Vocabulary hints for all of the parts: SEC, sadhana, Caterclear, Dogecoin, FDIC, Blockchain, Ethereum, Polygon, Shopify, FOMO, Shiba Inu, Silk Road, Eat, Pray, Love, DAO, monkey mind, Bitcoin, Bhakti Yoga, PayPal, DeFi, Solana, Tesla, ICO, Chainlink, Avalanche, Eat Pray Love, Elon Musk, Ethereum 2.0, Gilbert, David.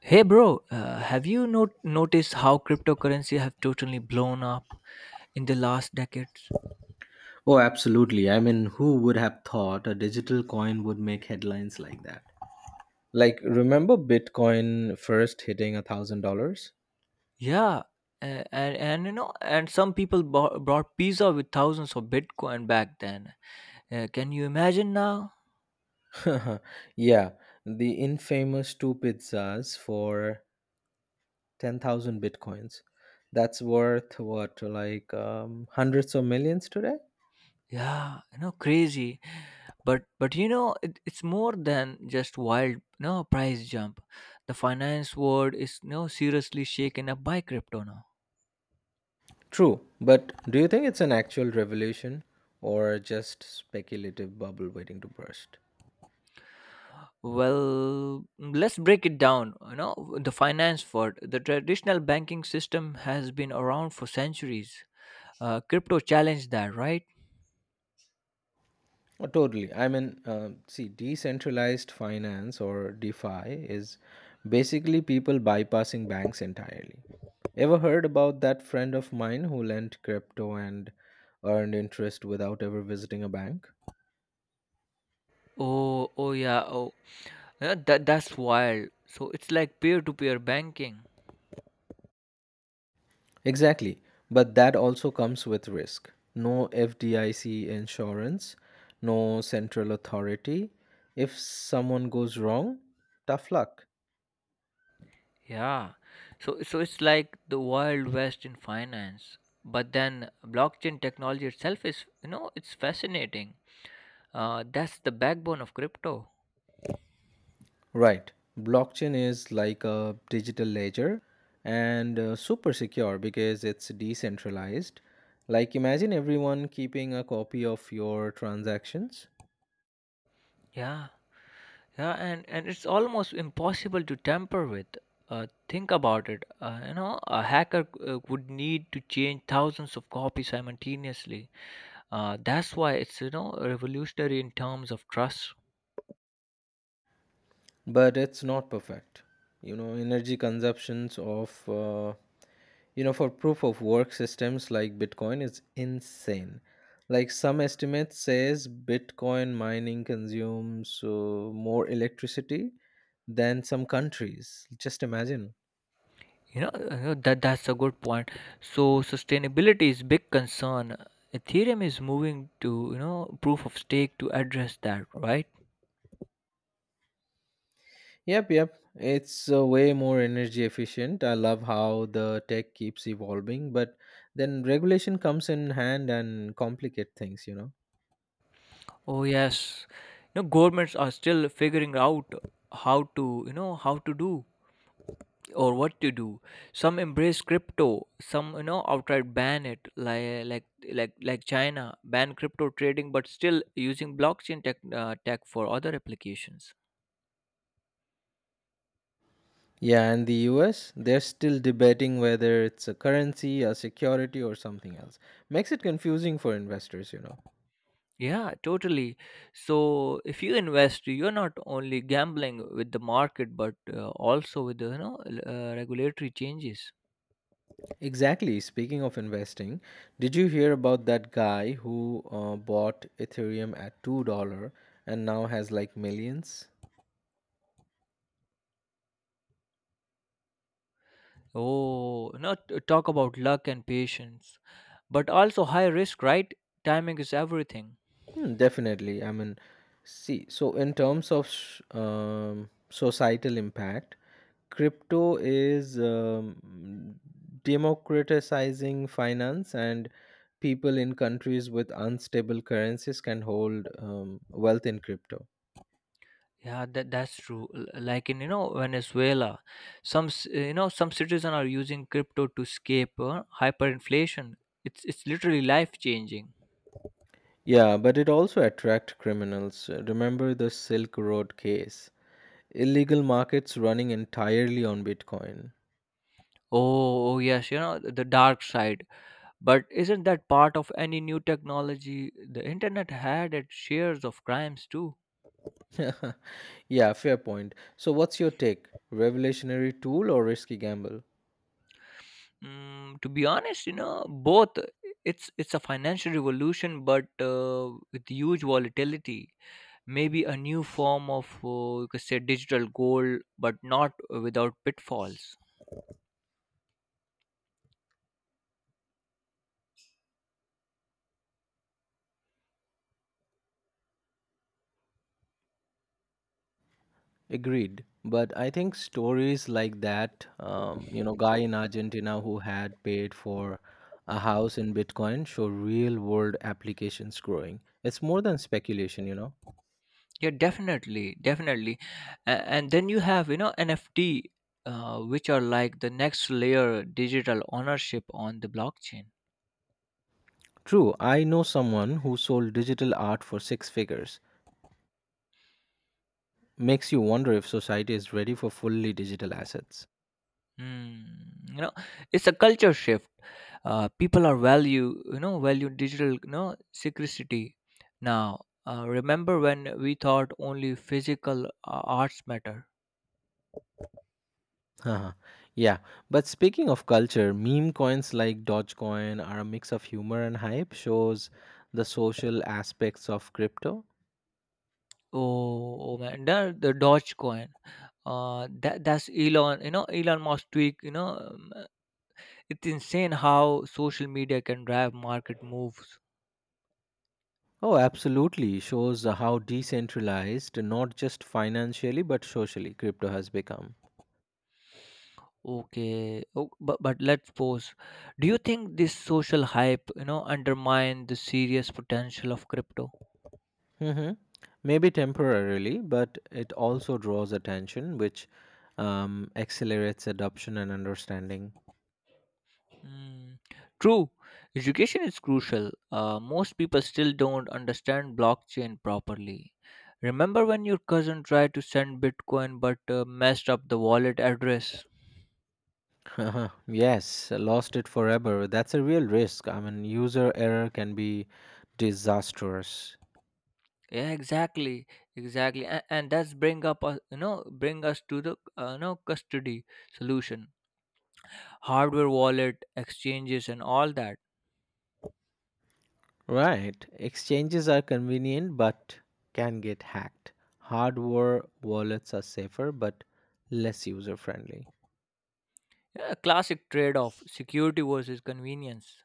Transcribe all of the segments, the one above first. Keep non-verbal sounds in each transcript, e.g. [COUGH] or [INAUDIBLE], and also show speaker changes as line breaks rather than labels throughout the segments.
Hey bro, have you not noticed how cryptocurrency have totally blown up in the last decades?
Oh, absolutely. I mean, who would have thought a digital coin would make headlines like that? Like, remember Bitcoin first hitting $1,000?
Yeah, and some people brought pizza with thousands of Bitcoin back then. Can you imagine now?
[LAUGHS] Yeah, the infamous 2 pizzas for 10,000 Bitcoins. That's worth what, like hundreds of millions today?
Yeah, crazy. But it's more than just wild no price jump. The finance world is no seriously shaken up by crypto now.
True, but do you think it's an actual revolution or just speculative bubble waiting to burst?
Well, let's break it down. The finance world, the traditional banking system has been around for centuries. Crypto challenged that, right?
Oh, totally. I mean, see, decentralized finance or DeFi is basically people bypassing banks entirely. Ever heard about that friend of mine who lent crypto and earned interest without ever visiting a bank?
Oh yeah. Oh, yeah, that's wild. So it's like peer-to-peer banking.
Exactly. But that also comes with risk. No FDIC insurance, no central authority. If someone goes wrong, tough luck.
Yeah. So it's like the wild west in finance. But then blockchain technology itself is, it's fascinating. That's the backbone of crypto.
Right. Blockchain is like a digital ledger and super secure because it's decentralized. Like, imagine everyone keeping a copy of your transactions,
Yeah. Yeah, and it's almost impossible to tamper with. Think about it. A hacker would need to change thousands of copies simultaneously. That's why it's revolutionary in terms of trust.
but it's not perfect. You know, energy consumptions of, for proof of work systems like Bitcoin is insane. Like some estimates says Bitcoin mining consumes more electricity than some countries. Just imagine.
That's a good point. So sustainability is big concern. Ethereum is moving to proof of stake to address that, right?
Yep, yep. It's way more energy efficient. I love how the tech keeps evolving, but then regulation comes in hand and complicate things.
Oh yes, governments are still figuring out how to you know how to do. Or what to do. Some embrace crypto, some outright ban it, like china ban crypto trading, but still using blockchain tech for other applications.
Yeah, and the US, they're still debating whether it's a currency, a security, or something else. Makes it confusing for investors.
Yeah, totally. So if you invest you're not only gambling with the market, but also with the regulatory changes.
Exactly. Speaking of investing, did you hear about that guy who bought Ethereum at $2 and now has like millions?
Oh, not, talk about luck and patience, but also high risk, right? Timing is everything.
Hmm, definitely. I mean, see, so in terms of societal impact, crypto is democratizing finance, and people in countries with unstable currencies can hold wealth in crypto.
Yeah, that's true. Like in Venezuela, some c- you know some citizens are using crypto to escape hyperinflation. It's literally life changing.
Yeah, but it also attract criminals. Remember the Silk Road case. Illegal markets running entirely on Bitcoin.
Oh yes, you know the dark side. But isn't that part of any new technology? The internet had its shares of crimes too.
[LAUGHS] Yeah, fair point. So, what's your take? Revolutionary tool or risky gamble?
Mm, to be honest, both. It's a financial revolution, but with huge volatility. Maybe a new form of, you could say, digital gold, but not without pitfalls.
Agreed. But I think stories like that, guy in Argentina who had paid for a house in Bitcoin show real world applications growing. It's more than speculation.
Yeah, definitely, definitely. And then you have, NFT, which are like the next layer digital ownership on the blockchain.
True, I know someone who sold digital art for 6 figures. Makes you wonder if society is ready for fully digital assets.
Mm, it's a culture shift. People are value, value digital, secrecy now. Remember when we thought only physical arts matter?
Haha. Yeah, but speaking of culture, meme coins like Dogecoin are a mix of humor and hype, shows the social aspects of crypto.
Oh man, the Dogecoin. That's Elon. You know, Elon Musk tweak. It's insane how social media can drive market moves.
Oh, absolutely. Shows how decentralized, not just financially, but socially, crypto has become.
Okay. Oh, but let's pause. Do you think this social hype, undermine the serious potential of crypto?
Hmm. Maybe temporarily, but it also draws attention, which accelerates adoption and understanding.
Mm, true, education is crucial. Most people still don't understand blockchain properly. Remember when your cousin tried to send Bitcoin but messed up the wallet address?
[LAUGHS] Uh-huh. Yes, lost it forever. That's a real risk. I mean, user error can be disastrous.
Yeah, exactly, exactly, and that's bring up, you know, bring us to the, custody solution, hardware wallet exchanges, and all that.
Right. Exchanges are convenient but can get hacked. Hardware wallets are safer but less user friendly.
Yeah, classic trade-off: security versus convenience.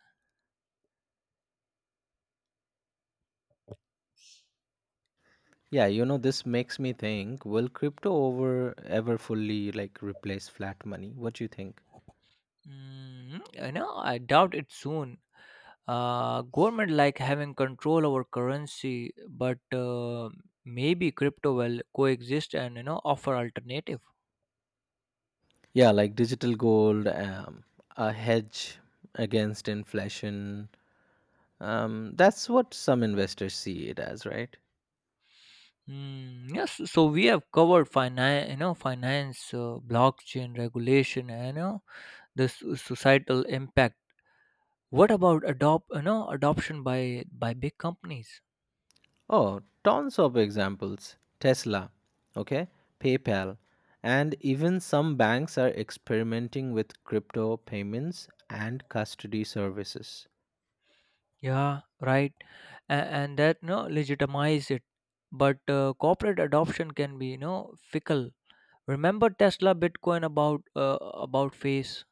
Yeah, you know, this makes me think will crypto over ever fully like replace flat money? What do you think?
Mm, I doubt it soon. Government like having control over currency, but maybe crypto will coexist and offer alternative.
Yeah, like digital gold, a hedge against inflation. That's what some investors see it as, right?
Mm, yes, so we have covered finance, blockchain regulation, and societal impact. What about adoption by big companies?
Oh, tons of examples Tesla, okay, PayPal, and even some banks are experimenting with crypto payments and custody services.
Yeah, right. And that no know, legitimize it. But corporate adoption can be fickle. Remember Tesla Bitcoin about face.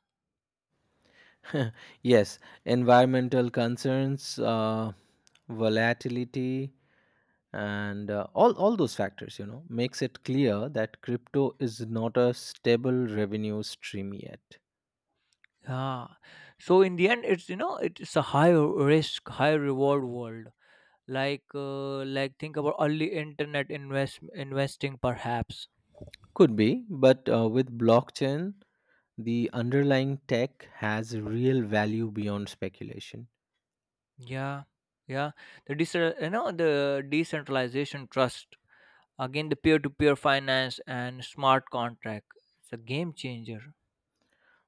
[LAUGHS] Yes, environmental concerns, volatility, and all those factors, you know, makes it clear that crypto is not a stable revenue stream yet.
Yeah. So in the end, it's you know it's a high risk, high reward world. Like think about early internet investing perhaps.
Could be, but with blockchain the underlying tech has real value beyond speculation.
Yeah, yeah. The decentralization trust, again the peer to peer finance and smart contract. It's a game changer.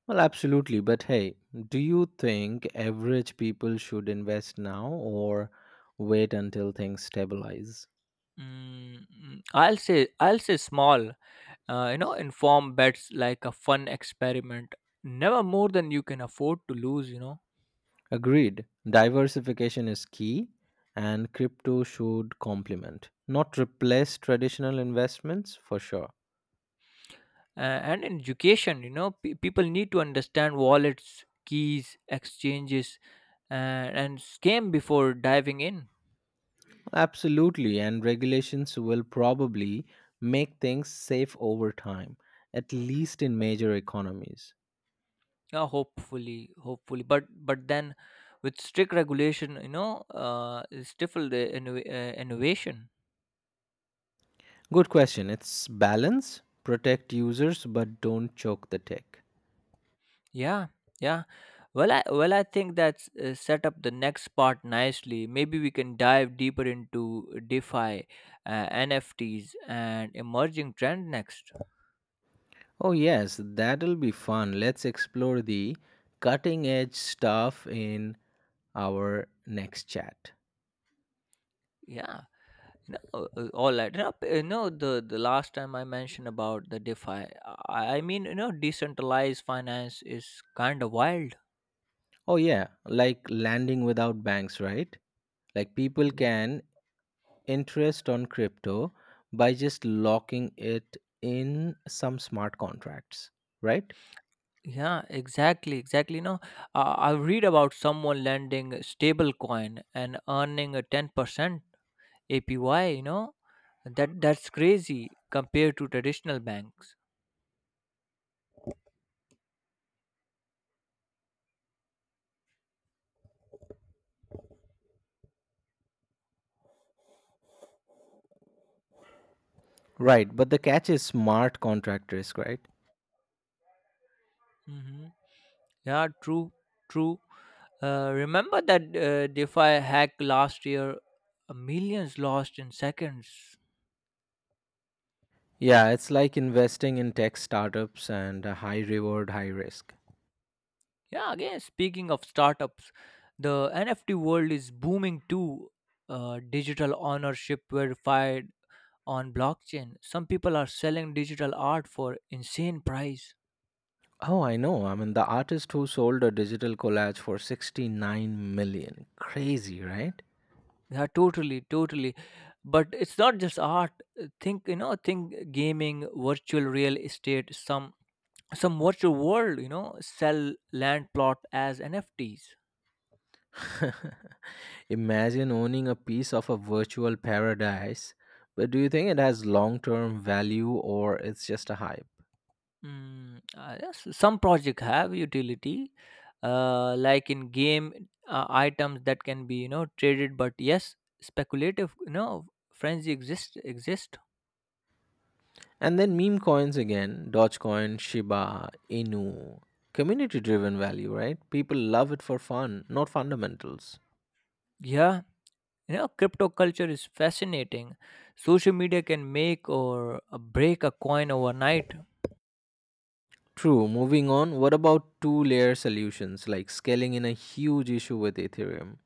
Well, absolutely. But hey, do you think average people should invest now or wait until things stabilize?
I'll say small, inform bets like a fun experiment. Never more than you can afford to lose.
Agreed. Diversification is key, and crypto should complement, not replace traditional investments for sure.
Uh, and in education, people need to understand wallets, keys, exchanges, and scam before diving in.
Absolutely. And regulations will probably make things safe over time, at least in major economies.
Yeah, hopefully, hopefully, but then with strict regulation, stifle the innovation.
Good question. It's balance. Protect users but don't choke the tech.
Yeah, yeah. Well, I think that's set up the next part nicely. Maybe we can dive deeper into DeFi, NFTs, and emerging trend next.
Oh, yes, that'll be fun. Let's explore the cutting edge stuff in our next chat.
Yeah, no, all right. No, no, the last time I mentioned about the DeFi, I mean, decentralized finance is kind of wild.
Oh, yeah, like landing without banks, right? Like people can interest on crypto by just locking it in some smart contracts, right?
Yeah, exactly, exactly. No, I read about someone lending stable coin and earning a 10% APY. That's crazy compared to traditional banks.
Right, but the catch is smart contract risk, right?
Hmm. Yeah, true, true. Remember that DeFi hack last year? Millions lost in seconds.
Yeah, it's like investing in tech startups and a high reward, high risk.
Yeah, again, speaking of startups, the NFT world is booming too. Digital ownership verified on blockchain. Some people are selling digital art for insane price.
Oh, I know. I mean, the artist who sold a digital collage for 69 million. Crazy, right?
Yeah, totally, totally. But it's not just art. Think gaming, virtual real estate, some virtual world, sell land plot as NFTs.
[LAUGHS] Imagine owning a piece of a virtual paradise. But do you think it has long term value or it's just a hype?
Yes, some project have utility, like in game items that can be, traded. But yes, speculative, frenzy exist.
And then meme coins again Dogecoin, Shiba, Inu. Community driven value, right? People love it for fun, not fundamentals.
Yeah, crypto culture is fascinating. Social media can make or break a coin overnight.
True, moving on, what about 2 layer solutions like scaling in a huge issue with Ethereum?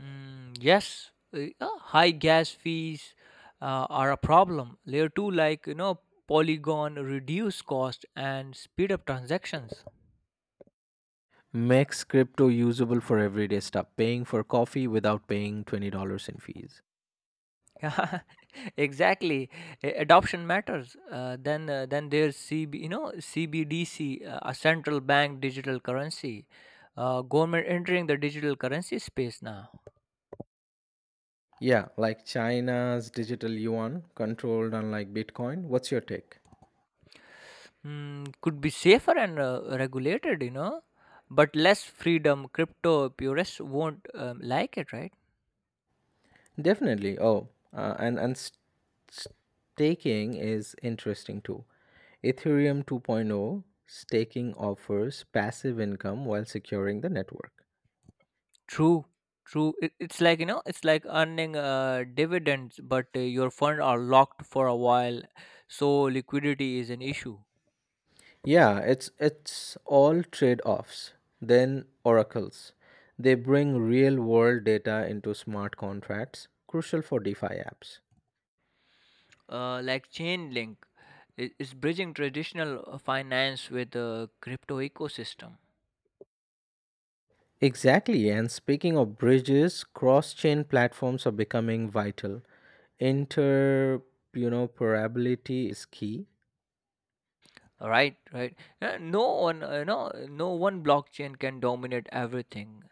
Yes, high gas fees are a problem. Layer 2, like, Polygon reduce cost and speed up transactions. [LAUGHS]
Makes crypto usable for everyday stuff, paying for coffee without paying $20 in fees.
Yeah, exactly. Adoption matters. Then there's cb you know CBDC, a central bank digital currency. Government entering the digital currency space now.
Yeah, like China's digital yuan controlled unlike Bitcoin. What's your take?
Hmm, could be safer and regulated, but less freedom. Crypto purists won't like it, right?
Definitely. Oh, and staking is interesting too. Ethereum 2.0 staking offers passive income while securing the network.
True, true. It's like earning dividends, but your fund are locked for a while, so liquidity is an issue.
Yeah, it's all trade-offs. Then oracles. They bring real-world data into smart contracts, crucial for DeFi apps.
Like Chainlink, is bridging traditional finance with the crypto ecosystem.
Exactly. And speaking of bridges, cross-chain platforms are becoming vital. Inter, Parability is key.
Right, right. No one blockchain can dominate everything.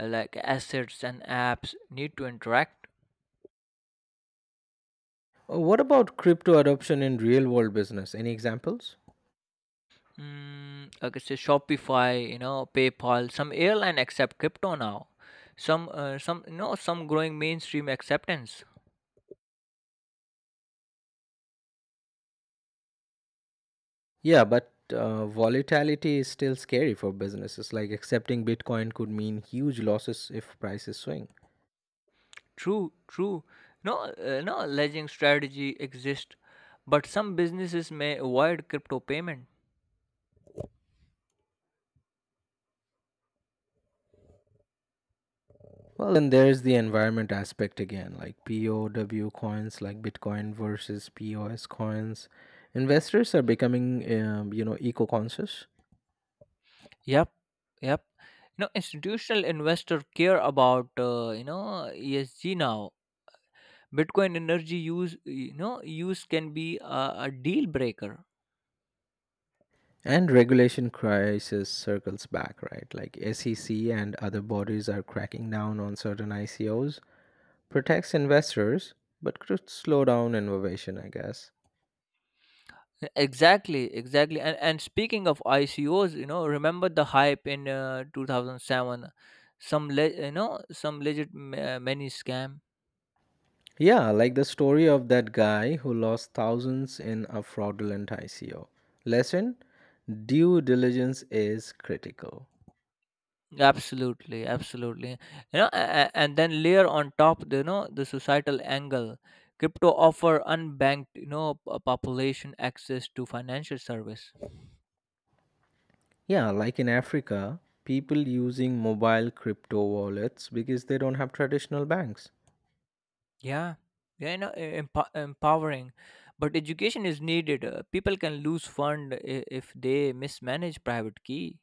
Like assets and apps need to interact.
What about crypto adoption in real-world business? Any examples?
Like I say, Shopify, PayPal. Some airline accept crypto now. Some growing mainstream acceptance.
Yeah, but volatility is still scary for businesses. Like accepting Bitcoin could mean huge losses if prices swing.
True, true. No. No ledging strategy exists, but some businesses may avoid crypto payment.
Well, and there's the environment aspect again, like POW coins, like Bitcoin versus POS coins. Investors are becoming eco-conscious,
Yep, yep. Institutional investor care about ESG now. Bitcoin energy use you know use can be a deal breaker.
and regulation crisis circles back, right? Like SEC and other bodies are cracking down on certain ICOs, protects investors, but could slow down innovation, I guess.
Exactly, exactly. And speaking of ICOs, remember the hype in 2007. Some le- you know Some legit many scam.
Yeah, like the story of that guy who lost thousands in a fraudulent ICO. Lesson Due diligence is critical.
Absolutely, absolutely. And then layer on top, the societal angle. Crypto offer unbanked, population access to financial service.
Yeah, like in Africa, people using mobile crypto wallets because they don't have traditional banks.
Yeah, yeah, empowering. But education is needed. People can lose fund if they mismanage private key.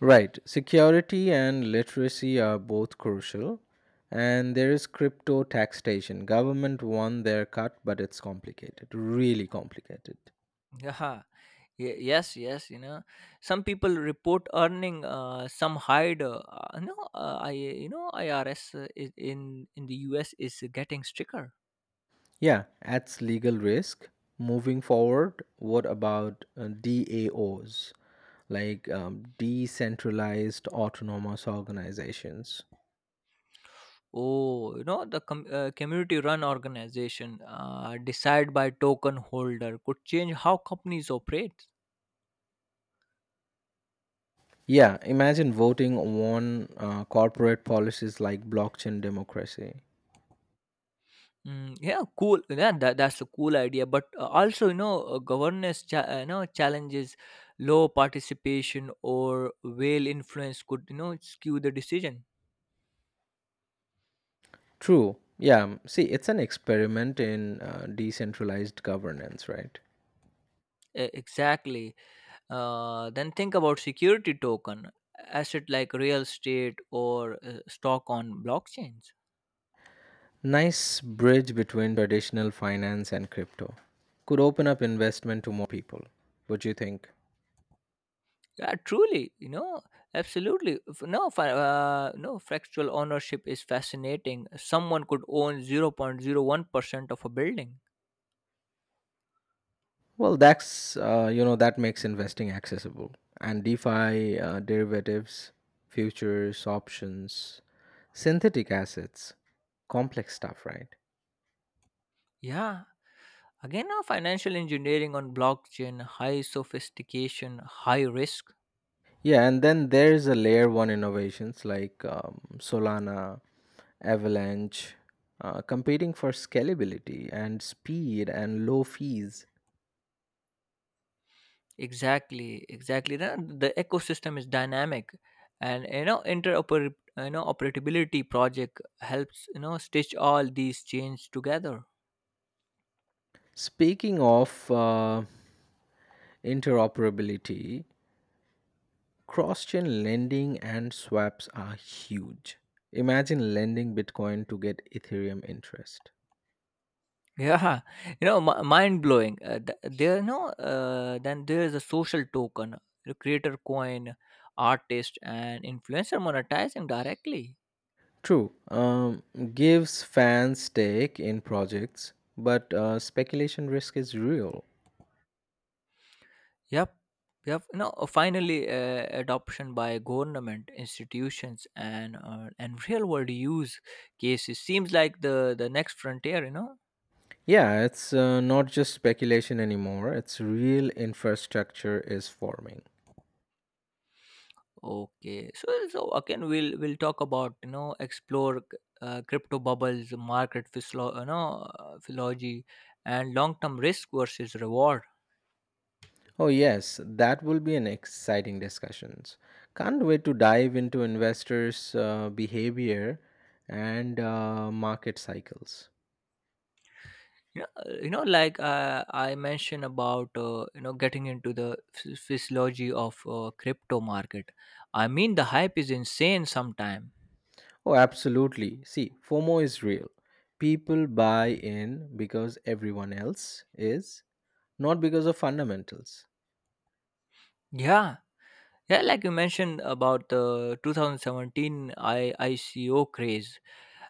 Right, security and literacy are both crucial. And there is crypto taxation. Government won their cut, but it's complicated, really complicated.
[LAUGHS] Yeah. Yes, some people report earning, some hide. No I you know IRS in the US is getting stricter.
Yeah, adds legal risk. Moving forward, what about DAOs, like decentralized autonomous organizations?
Oh, the community run organization, decide by token holder, could change how companies operate.
Yeah, imagine voting on corporate policies like blockchain democracy.
Yeah, cool, yeah, that's a cool idea, but also governance challenges, low participation or whale influence could skew the decision.
True. Yeah, see, it's an experiment in decentralized governance, right?
Exactly. Then think about security token asset like real estate or stock on blockchains.
Nice bridge between traditional finance and crypto. Could open up investment to more people. What do you think?
Yeah, truly, absolutely. F- no fi- no Fractional ownership is fascinating. Someone could own 0.01% of a building.
Well, that's that makes investing accessible, and DeFi derivatives, futures, options, synthetic assets, complex stuff, right?
Yeah, again, financial engineering on blockchain, high sophistication, high risk.
Yeah, and then there's a layer 1 innovations like Solana, Avalanche, competing for scalability and speed and low fees.
Exactly, exactly. The ecosystem is dynamic, and you know interoper you know operability project helps stitch all these chains together.
Speaking of interoperability, cross chain lending and swaps are huge. Imagine lending Bitcoin to get Ethereum interest.
Yeah, mind blowing. Th- there, no, Then there is a social token, the creator coin, artist, and influencer monetizing directly.
True, gives fans stake in projects, but speculation risk is real.
Yep, yep. No, finally, adoption by government institutions and real world use cases seems like the next frontier.
Yeah, it's not just speculation anymore, it's real infrastructure is forming.
Okay, so again we'll talk about, explore crypto bubbles, market philology, and long term risk versus reward.
Oh, yes, that will be an exciting discussions. Can't wait to dive into investors' behavior and market cycles.
Yeah, like I mentioned about getting into the physiology of crypto market. I mean, the hype is insane. Sometime.
Oh, absolutely. See, FOMO is real. People buy in because everyone else is, not because of fundamentals.
Yeah, yeah, like you mentioned about the 2017 ICO craze.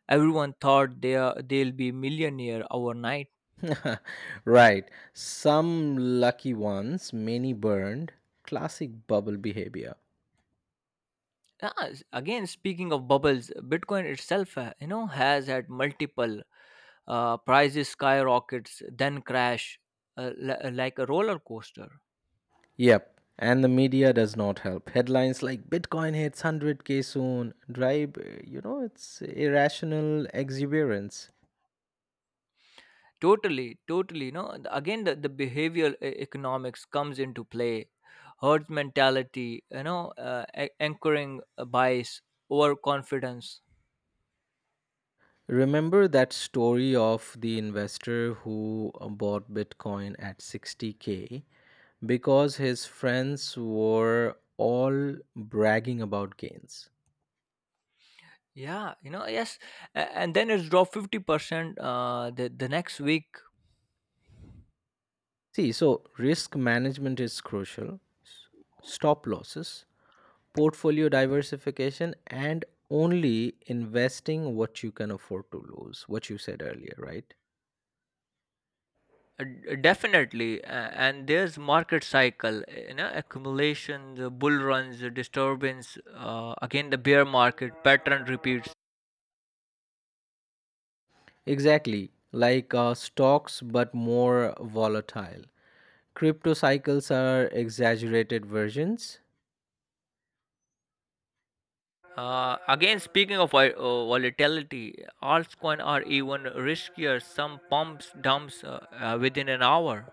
Everyone thought they'll be millionaire overnight.
[LAUGHS] Right. Some lucky ones, many burned. Classic bubble behavior.
Yeah, again, speaking of bubbles, Bitcoin itself, has had multiple prices skyrockets, then crash, like a roller coaster.
Yep. And the media does not help. Headlines like Bitcoin hits 100k soon drive, it's irrational exuberance.
Totally, totally. Again, the behavioral economics comes into play. Herd mentality, anchoring a bias, overconfidence.
Remember that story of the investor who bought Bitcoin at 60k because his friends were all bragging about gains.
Yeah, yes. And then it's dropped 50%, the next week.
See, so risk management is crucial, s- stop losses, portfolio diversification, and only investing what you can afford to lose, what you said earlier, right?
Definitely. And there's market cycle: accumulation, the bull runs, the disturbance, again, the bear market pattern repeats.
Exactly, like stocks, but more volatile. Crypto cycles are exaggerated versions.
Again, speaking of volatility, altcoins are even riskier. Some pumps dumps within an hour.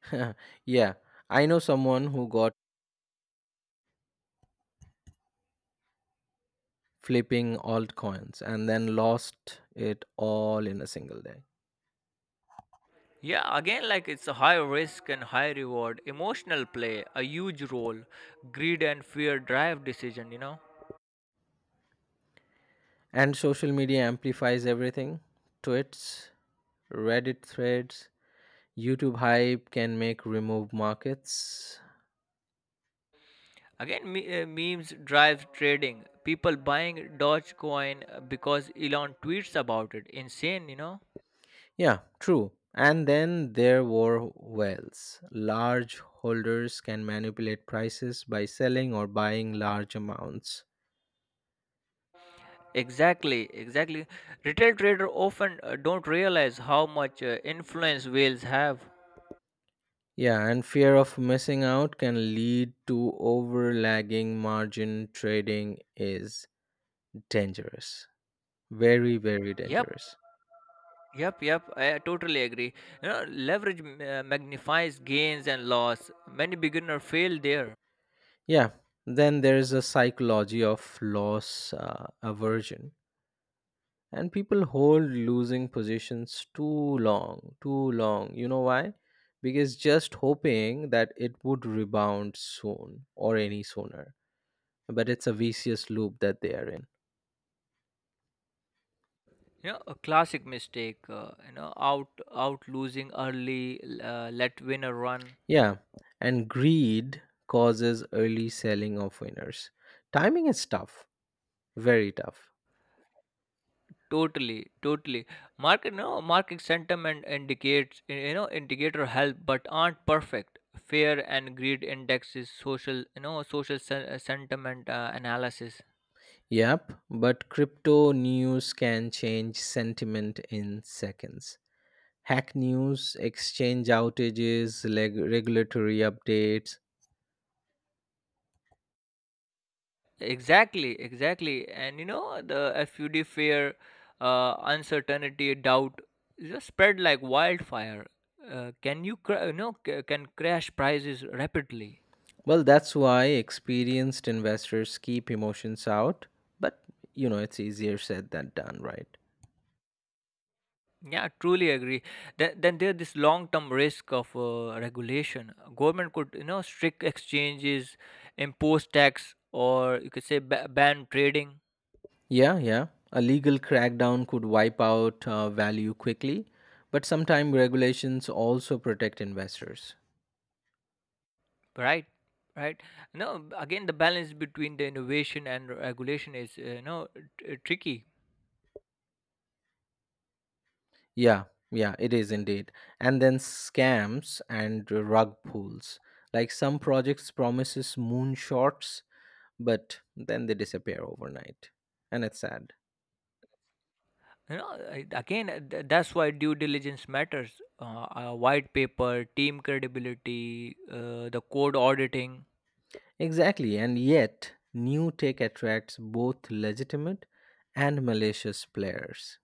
[LAUGHS] Yeah, I know someone who got flipping altcoins and then lost it all in a single day.
Yeah, again, like it's a high risk and high reward. Emotional play a huge role. Greed and fear drive decision.
And social media amplifies everything. Tweets, Reddit threads, YouTube hype can make remove markets.
Again, memes drive trading. People buying Dogecoin because Elon tweets about it. Insane.
Yeah, true. And then there were whales. Large holders can manipulate prices by selling or buying large amounts.
Exactly, exactly. Retail trader often don't realize how much influence whales have.
Yeah, and fear of missing out can lead to overlagging margin trading is dangerous. Very, very
Yep,
dangerous.
yep, yep. I totally agree. Leverage magnifies gains and loss. Many beginners fail there.
Yeah, then there is a psychology of loss aversion, and people hold losing positions too long, you know why? Because just hoping that it would rebound soon or any sooner, but it's a vicious loop that they are in.
A classic mistake. Out losing early, let winner run.
Yeah, and greed causes early selling of winners. Timing is tough, very tough.
Totally, totally. Market, no Market sentiment indicates you know indicator help, but aren't perfect. Fear and greed indexes, social you know social sentiment analysis.
Yep, but crypto news can change sentiment in seconds. Hack news, exchange outages, regulatory updates.
Exactly, exactly. And the FUD: fear, uncertainty, doubt just spread like wildfire. Can you, cra- you know, c- can crash prices rapidly?
Well, that's why experienced investors keep emotions out, but you know, it's easier said than done, right?
Yeah, truly agree. Then there's this long-term risk of regulation. Government could, strict exchanges, impose tax, or you could say ban trading,
Yeah, yeah. A legal crackdown could wipe out value quickly, but sometimes regulations also protect investors.
right? Right. No, again, the balance between the innovation and regulation is, you know, tr tricky.
Yeah, yeah, it is indeed. And then scams and rug pulls. Like some projects promises moonshots, but then they disappear overnight. And it's sad.
You know, Again, that's why due diligence matters. A white paper, team credibility, the code auditing.
Exactly, and yet new tech attracts both legitimate and malicious players.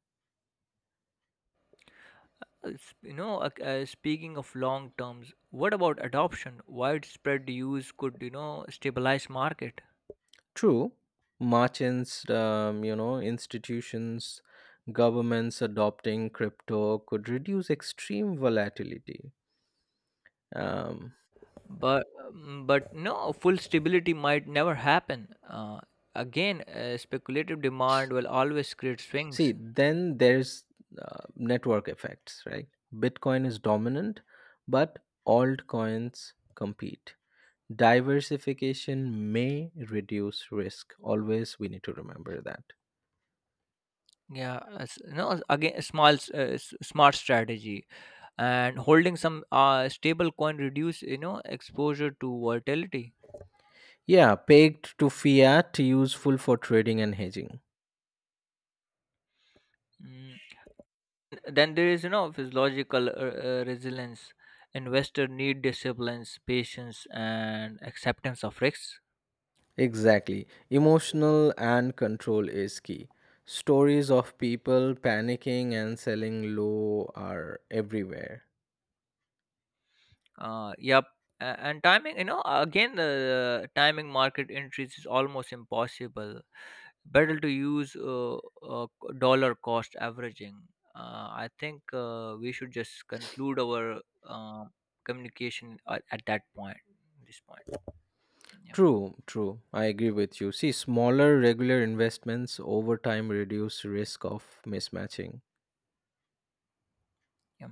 Speaking of long terms, what about adoption? Widespread use could, stabilize market.
True, merchants, institutions, governments adopting crypto could reduce extreme volatility. Um,
But no, full stability might never happen. Uh, Again, speculative demand will always create
See,
swings.
then there's network effects, right? Bitcoin is dominant, but altcoins compete. Diversification may reduce risk. Always we need to remember that.
Yeah, s- no, again, a small, smart strategy and holding some stable coin reduce exposure to volatility.
Yeah, pegged to fiat, useful for trading and hedging.
Mm. Then there is physiological resilience. Investor need disciplines, patience, and acceptance of risks.
Exactly. Emotional and control is key. Stories of people panicking and selling low are everywhere.
Yep. And timing, again, the timing market entries is almost impossible. Better to use dollar cost averaging. I think we should just conclude our uh, communication at, that point. This point. Yeah,
True, true. I agree with you. See, smaller regular investments over time reduce risk of mismatching.
yeah.